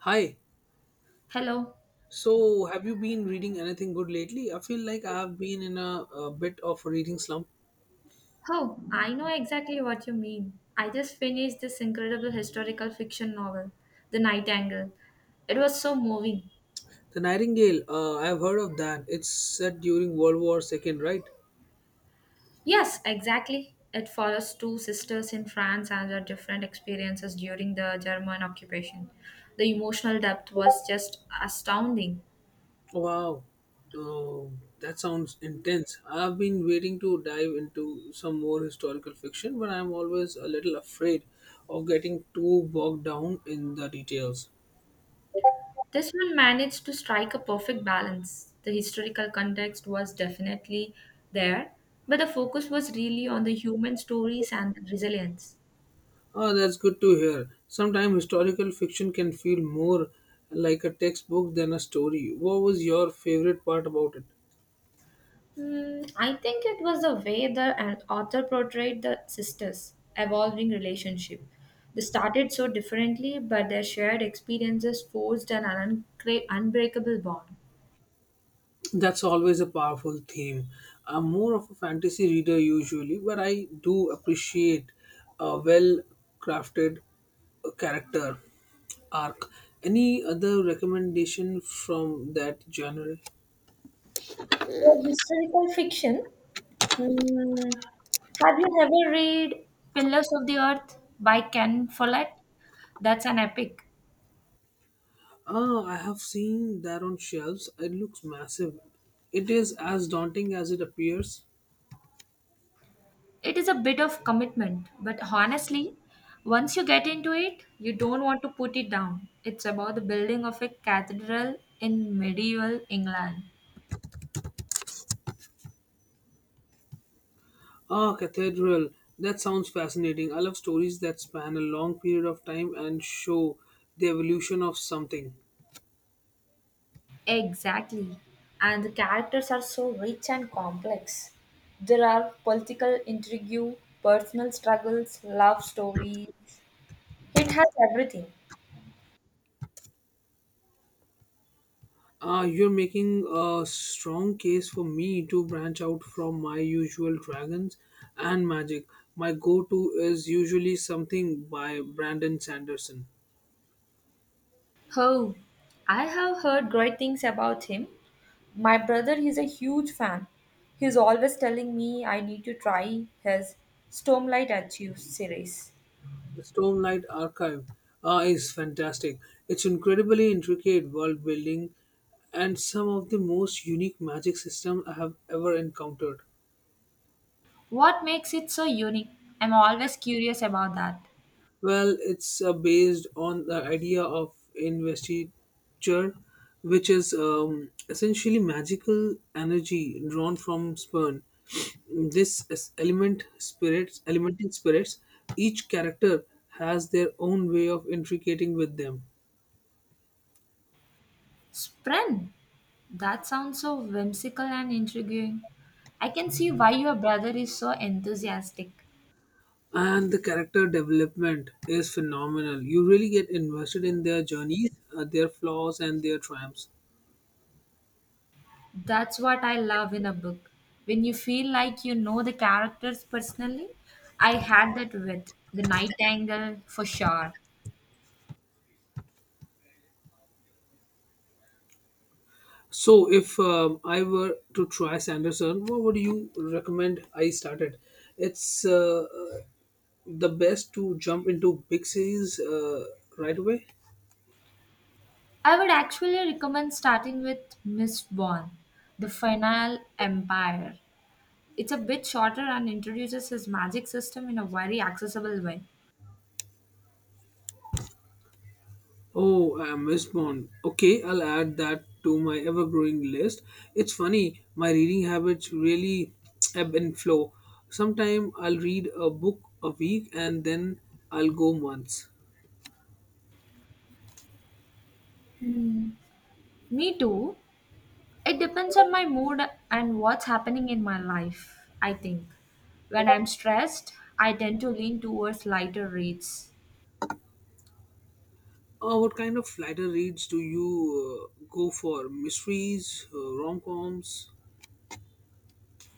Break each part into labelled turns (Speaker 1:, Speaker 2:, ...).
Speaker 1: Hi.
Speaker 2: Hello.
Speaker 1: So, have you been reading anything good lately? I feel like I have been in a bit of a reading slump.
Speaker 2: Oh, I know exactly what you mean. I just finished this incredible historical fiction novel, The Night Angle. It was so moving.
Speaker 1: The Nightingale, I have heard of that. It's set during World War II, right?
Speaker 2: Yes, exactly. It follows two sisters in France and their different experiences during the German occupation. The emotional depth was just astounding.
Speaker 1: Wow. Oh, that sounds intense. I have been waiting to dive into some more historical fiction, but I'm always a little afraid of getting too bogged down in the details.
Speaker 2: This one managed to strike a perfect balance. The historical context was definitely there, but the focus was really on the human stories and resilience.
Speaker 1: Oh, that's good to hear. Sometimes historical fiction can feel more like a textbook than a story. What was your favorite part about it?
Speaker 2: I think it was the way the an author portrayed the sisters' evolving relationship. They started so differently, but their shared experiences forged an unbreakable bond.
Speaker 1: That's always a powerful theme. I'm more of a fantasy reader usually, but I do appreciate a well crafted character arc. Any other recommendation from that genre?
Speaker 2: For historical fiction, mm, have you ever read Pillars of the Earth by Ken Follett? That's an epic.
Speaker 1: Ah, I have seen that on shelves. It looks massive. It is as daunting as it appears.
Speaker 2: It is a bit of commitment, but honestly, once you get into it, you don't want to put it down. It's about the building of a cathedral in medieval England.
Speaker 1: Ah, Cathedral. That sounds fascinating. I love stories that span a long period of time and show the evolution of something.
Speaker 2: Exactly. And the characters are so rich and complex. There are political intrigue, personal struggles, love stories. It has everything.
Speaker 1: Ah, you're making a strong case for me to branch out from my usual dragons and magic. My go to is usually something by Brandon Sanderson.
Speaker 2: Oh, I have heard great things about him. My brother is a huge fan. He's always telling me I need to try his Stormlight Achieve series.
Speaker 1: The Stormlight Archive is fantastic. It's incredibly intricate world building and some of the most unique magic systems I have ever encountered.
Speaker 2: What makes it so unique? I'm always curious about that.
Speaker 1: Well, it's based on the idea of investiture, which is essentially magical energy drawn from sperm. This is element spirits, elemental spirits, each character has their own way of intricating with them.
Speaker 2: Spren! That sounds so whimsical and intriguing. I can see why your brother is so enthusiastic.
Speaker 1: And the character development is phenomenal. You really get invested in their journeys, their flaws, and their triumphs.
Speaker 2: That's what I love in a book. When you feel like you know the characters personally, I had that with The Nightingale for sure.
Speaker 1: So, if I were to try Sanderson, what would you recommend I started? It's the best to jump into big series right away.
Speaker 2: I would actually recommend starting with Miss Bond, The Final Empire. It's a bit shorter and introduces his magic system in a very accessible way.
Speaker 1: Oh, I missed Bond. Okay, I'll add that to my ever-growing list. It's funny, my reading habits really ebb and flow. Sometime I'll read a book a week and then I'll go months.
Speaker 2: Hmm. Me too. It depends on my mood and what's happening in my life, I think. When I'm stressed, I tend to lean towards lighter reads.
Speaker 1: What kind of lighter reads do you go for? Mysteries, rom-coms.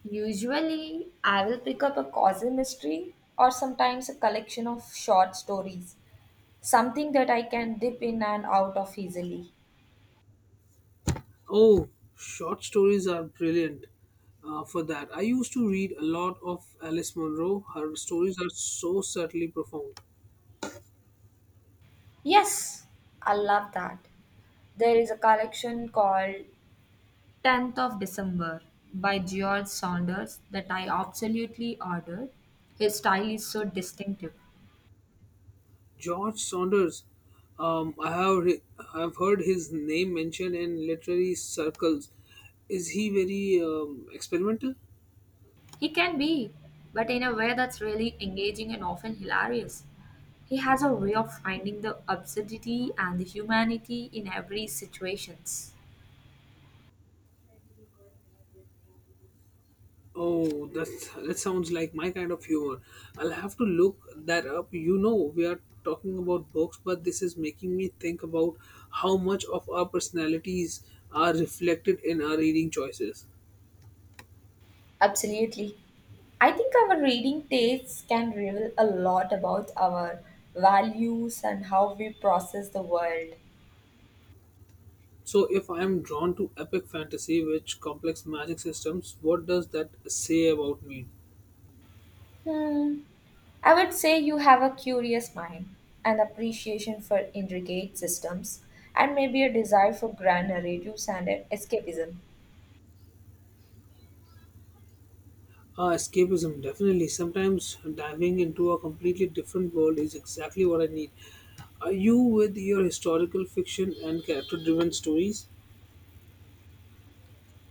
Speaker 2: Usually, I will pick up a cozy mystery or sometimes a collection of short stories, something that I can dip in and out of easily.
Speaker 1: Oh, short stories are brilliant for that. I used to read a lot of Alice Munro. Her stories are so subtly profound.
Speaker 2: Yes, I love that. There is a collection called 10th of December by George Saunders that I absolutely ordered. His style is so distinctive.
Speaker 1: George Saunders, um, I have re- I've heard his name mentioned in literary circles. Is he very experimental?
Speaker 2: He can be, but in a way that's really engaging and often hilarious. He has a way of finding the absurdity and the humanity in every situations.
Speaker 1: Oh, that sounds like my kind of humor. I'll have to look that up. You know, we are talking about books, but this is making me think about how much of our personalities are reflected in our reading choices.
Speaker 2: Absolutely. I think our reading tastes can reveal a lot about our values and how we process the world.
Speaker 1: So, if I am drawn to epic fantasy with complex magic systems, what does that say about me?
Speaker 2: Hmm. I would say you have a curious mind, an appreciation for intricate systems, and maybe a desire for grand narratives and escapism.
Speaker 1: Ah, escapism, definitely. Sometimes diving into a completely different world is exactly what I need. Are you with your historical fiction and character driven stories?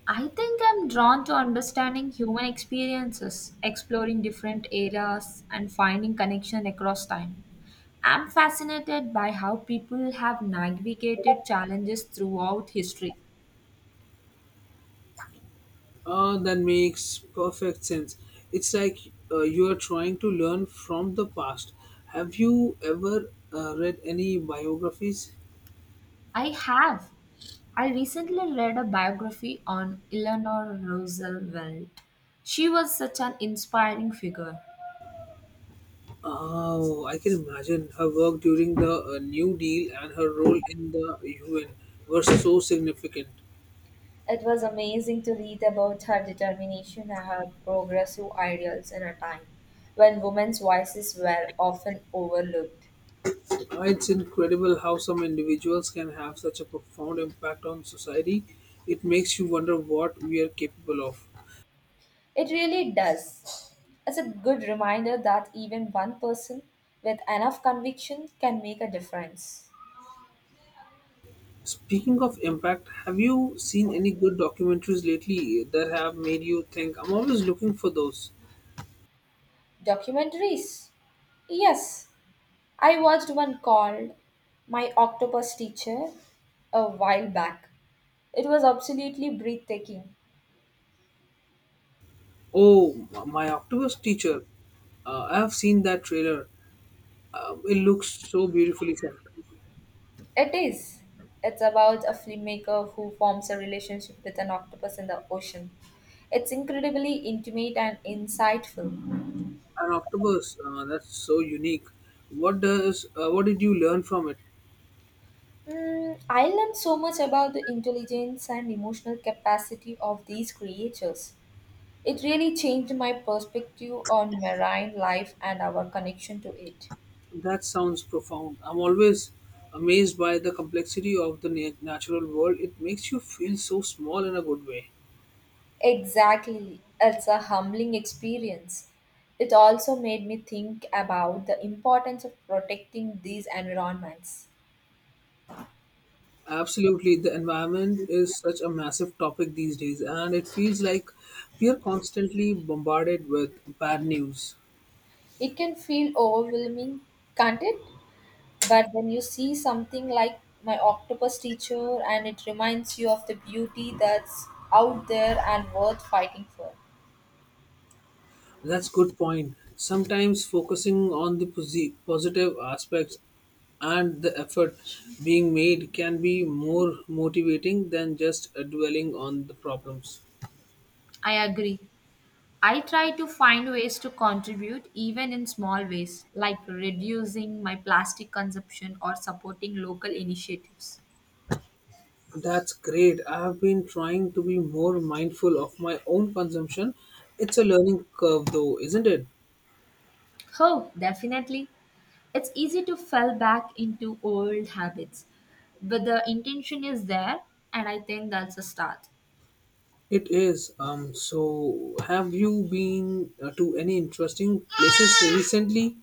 Speaker 2: I think I'm drawn to understanding human experiences, exploring different eras, and finding connection across time. I'm fascinated by how people have navigated challenges throughout history.
Speaker 1: That makes perfect sense. It's like you are trying to learn from the past. Have you ever read any biographies?
Speaker 2: I have. I recently read a biography on Eleanor Roosevelt. She was such an inspiring figure.
Speaker 1: Oh, I can imagine her work during the New Deal and her role in the UN were so significant.
Speaker 2: It was amazing to read about her determination, and her progressive ideals in a time when women's voices were often overlooked.
Speaker 1: It's incredible how some individuals can have such a profound impact on society. It makes you wonder what we are capable of.
Speaker 2: It really does. It's a good reminder that even one person with enough conviction can make a difference.
Speaker 1: Speaking of impact, have you seen any good documentaries lately that have made you think? I'm always looking for those.
Speaker 2: Documentaries. Yes, I watched one called My Octopus Teacher a while back. It was absolutely breathtaking.
Speaker 1: Oh, my octopus teacher. I have seen that trailer. It looks so beautifully shot.
Speaker 2: It is. It's about a filmmaker who forms a relationship with an octopus in the ocean. It's incredibly intimate and insightful.
Speaker 1: An octopus, that's so unique. What does? What did you learn from it?
Speaker 2: I learned so much about the intelligence and emotional capacity of these creatures. It really changed my perspective on marine life and our connection to it.
Speaker 1: That sounds profound. I'm always amazed by the complexity of the natural world. It makes you feel so small in a good way.
Speaker 2: Exactly. It's a humbling experience. It also made me think about the importance of protecting these environments.
Speaker 1: Absolutely, the environment is such a massive topic these days, and it feels like we are constantly bombarded with bad news.
Speaker 2: It can feel overwhelming, can't it? But when you see something like my octopus teacher and it reminds you of the beauty that's out there and worth fighting for.
Speaker 1: That's good point. Sometimes focusing on the positive aspects and the effort being made can be more motivating than just dwelling on the problems.
Speaker 2: I agree. I try to find ways to contribute even in small ways, like reducing my plastic consumption or supporting local initiatives.
Speaker 1: That's great. I have been trying to be more mindful of my own consumption. It's a learning curve, though, isn't it?
Speaker 2: Oh, definitely. It's easy to fall back into old habits, but the intention is there, and I think that's a start.
Speaker 1: It is. So, have you been to any interesting places recently,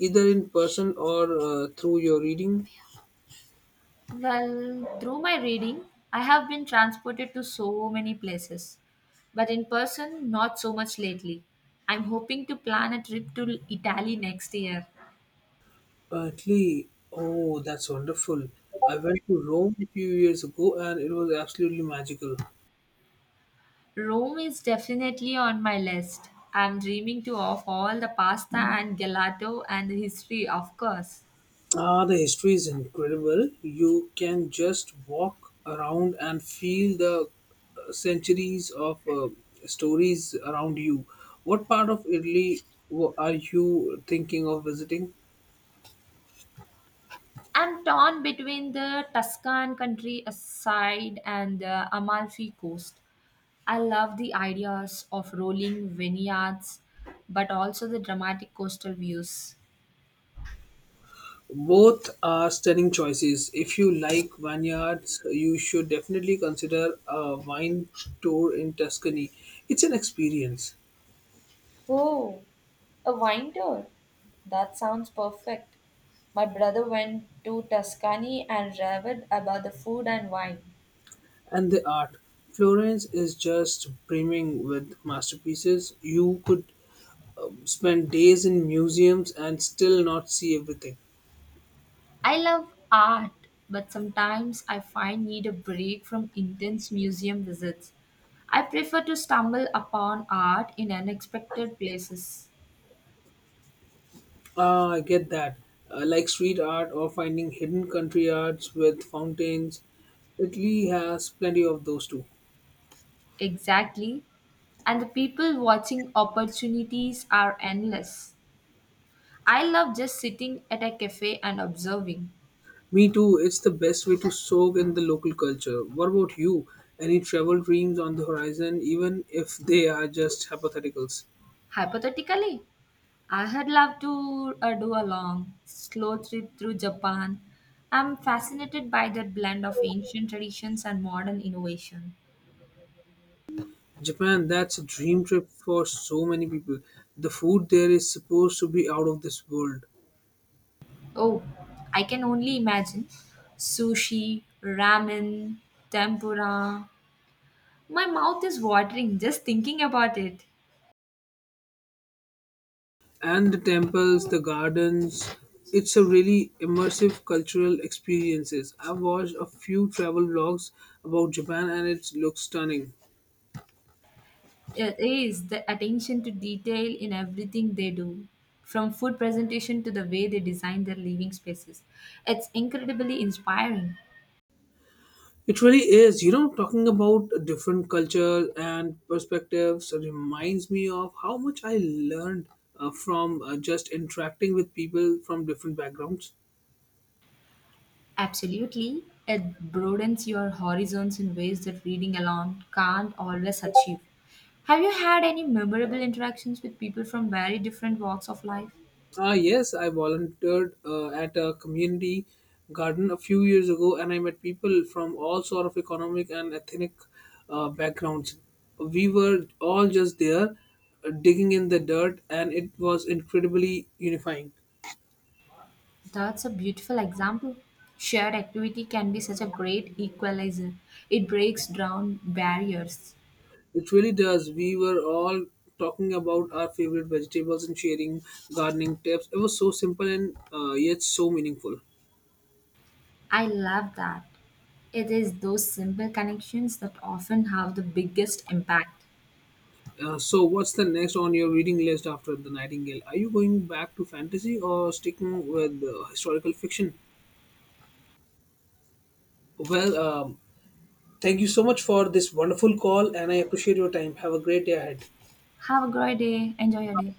Speaker 1: either in person or through your reading?
Speaker 2: Well, through my reading, I have been transported to so many places, but in person, not so much lately. I'm hoping to plan a trip to Italy next year.
Speaker 1: Italy. Oh, that's wonderful. I went to Rome a few years ago, and it was absolutely magical.
Speaker 2: Rome is definitely on my list. I'm dreaming to of all the pasta and gelato and the history, of course.
Speaker 1: Ah, the history is incredible. You can just walk around and feel the centuries of stories around you. What part of Italy are you thinking of visiting?
Speaker 2: I'm torn between the Tuscan countryside and the Amalfi coast. I love the ideas of rolling vineyards, but also the dramatic coastal views.
Speaker 1: Both are stunning choices. If you like vineyards, you should definitely consider a wine tour in Tuscany. It's an experience.
Speaker 2: Oh, a wine tour. That sounds perfect. My brother went to Tuscany and raved about the food and wine.
Speaker 1: And the art. Florence is just brimming with masterpieces. You could spend days in museums and still not see everything.
Speaker 2: I love art, but sometimes I find need a break from intense museum visits. I prefer to stumble upon art in unexpected places.
Speaker 1: Ah, I get that. Like street art or finding hidden country arts with fountains. Italy has plenty of those too.
Speaker 2: Exactly. And the people watching opportunities are endless. I love just sitting at a cafe and observing.
Speaker 1: Me too. It's the best way to soak in the local culture. What about you? Any travel dreams on the horizon, even if they are just hypotheticals?
Speaker 2: Hypothetically, I had loved to do a long, slow trip through Japan. I'm fascinated by their blend of ancient traditions and modern innovation.
Speaker 1: Japan, that's a dream trip for so many people. The food there is supposed to be out of this world.
Speaker 2: Oh, I can only imagine. Sushi, ramen, tempura. My mouth is watering just thinking about it.
Speaker 1: And the temples, the gardens. It's a really immersive cultural experiences. I've watched a few travel vlogs about Japan and it looks stunning.
Speaker 2: It is the attention to detail in everything they do, from food presentation to the way they design their living spaces. It's incredibly inspiring.
Speaker 1: It really is. You know, talking about different culture and perspectives reminds me of how much I learned from just interacting with people from different backgrounds.
Speaker 2: Absolutely. It broadens your horizons in ways that reading alone can't always achieve. Have you had any memorable interactions with people from very different walks of life?
Speaker 1: Ah, yes, I volunteered at a community garden a few years ago, and I met people from all sort of economic and ethnic backgrounds. We were all just there, digging in the dirt, and it was incredibly unifying.
Speaker 2: That's a beautiful example. Shared activity can be such a great equalizer. It breaks down barriers.
Speaker 1: It really does. We were all talking about our favorite vegetables and sharing gardening tips. It was so simple and yet so meaningful.
Speaker 2: I love that. It is those simple connections that often have the biggest impact.
Speaker 1: So, what's the next on your reading list after The Nightingale? Are you going back to fantasy or sticking with historical fiction? Well, thank you so much for this wonderful call, and I appreciate your time. Have a great day ahead.
Speaker 2: Have a great day. Enjoy your day.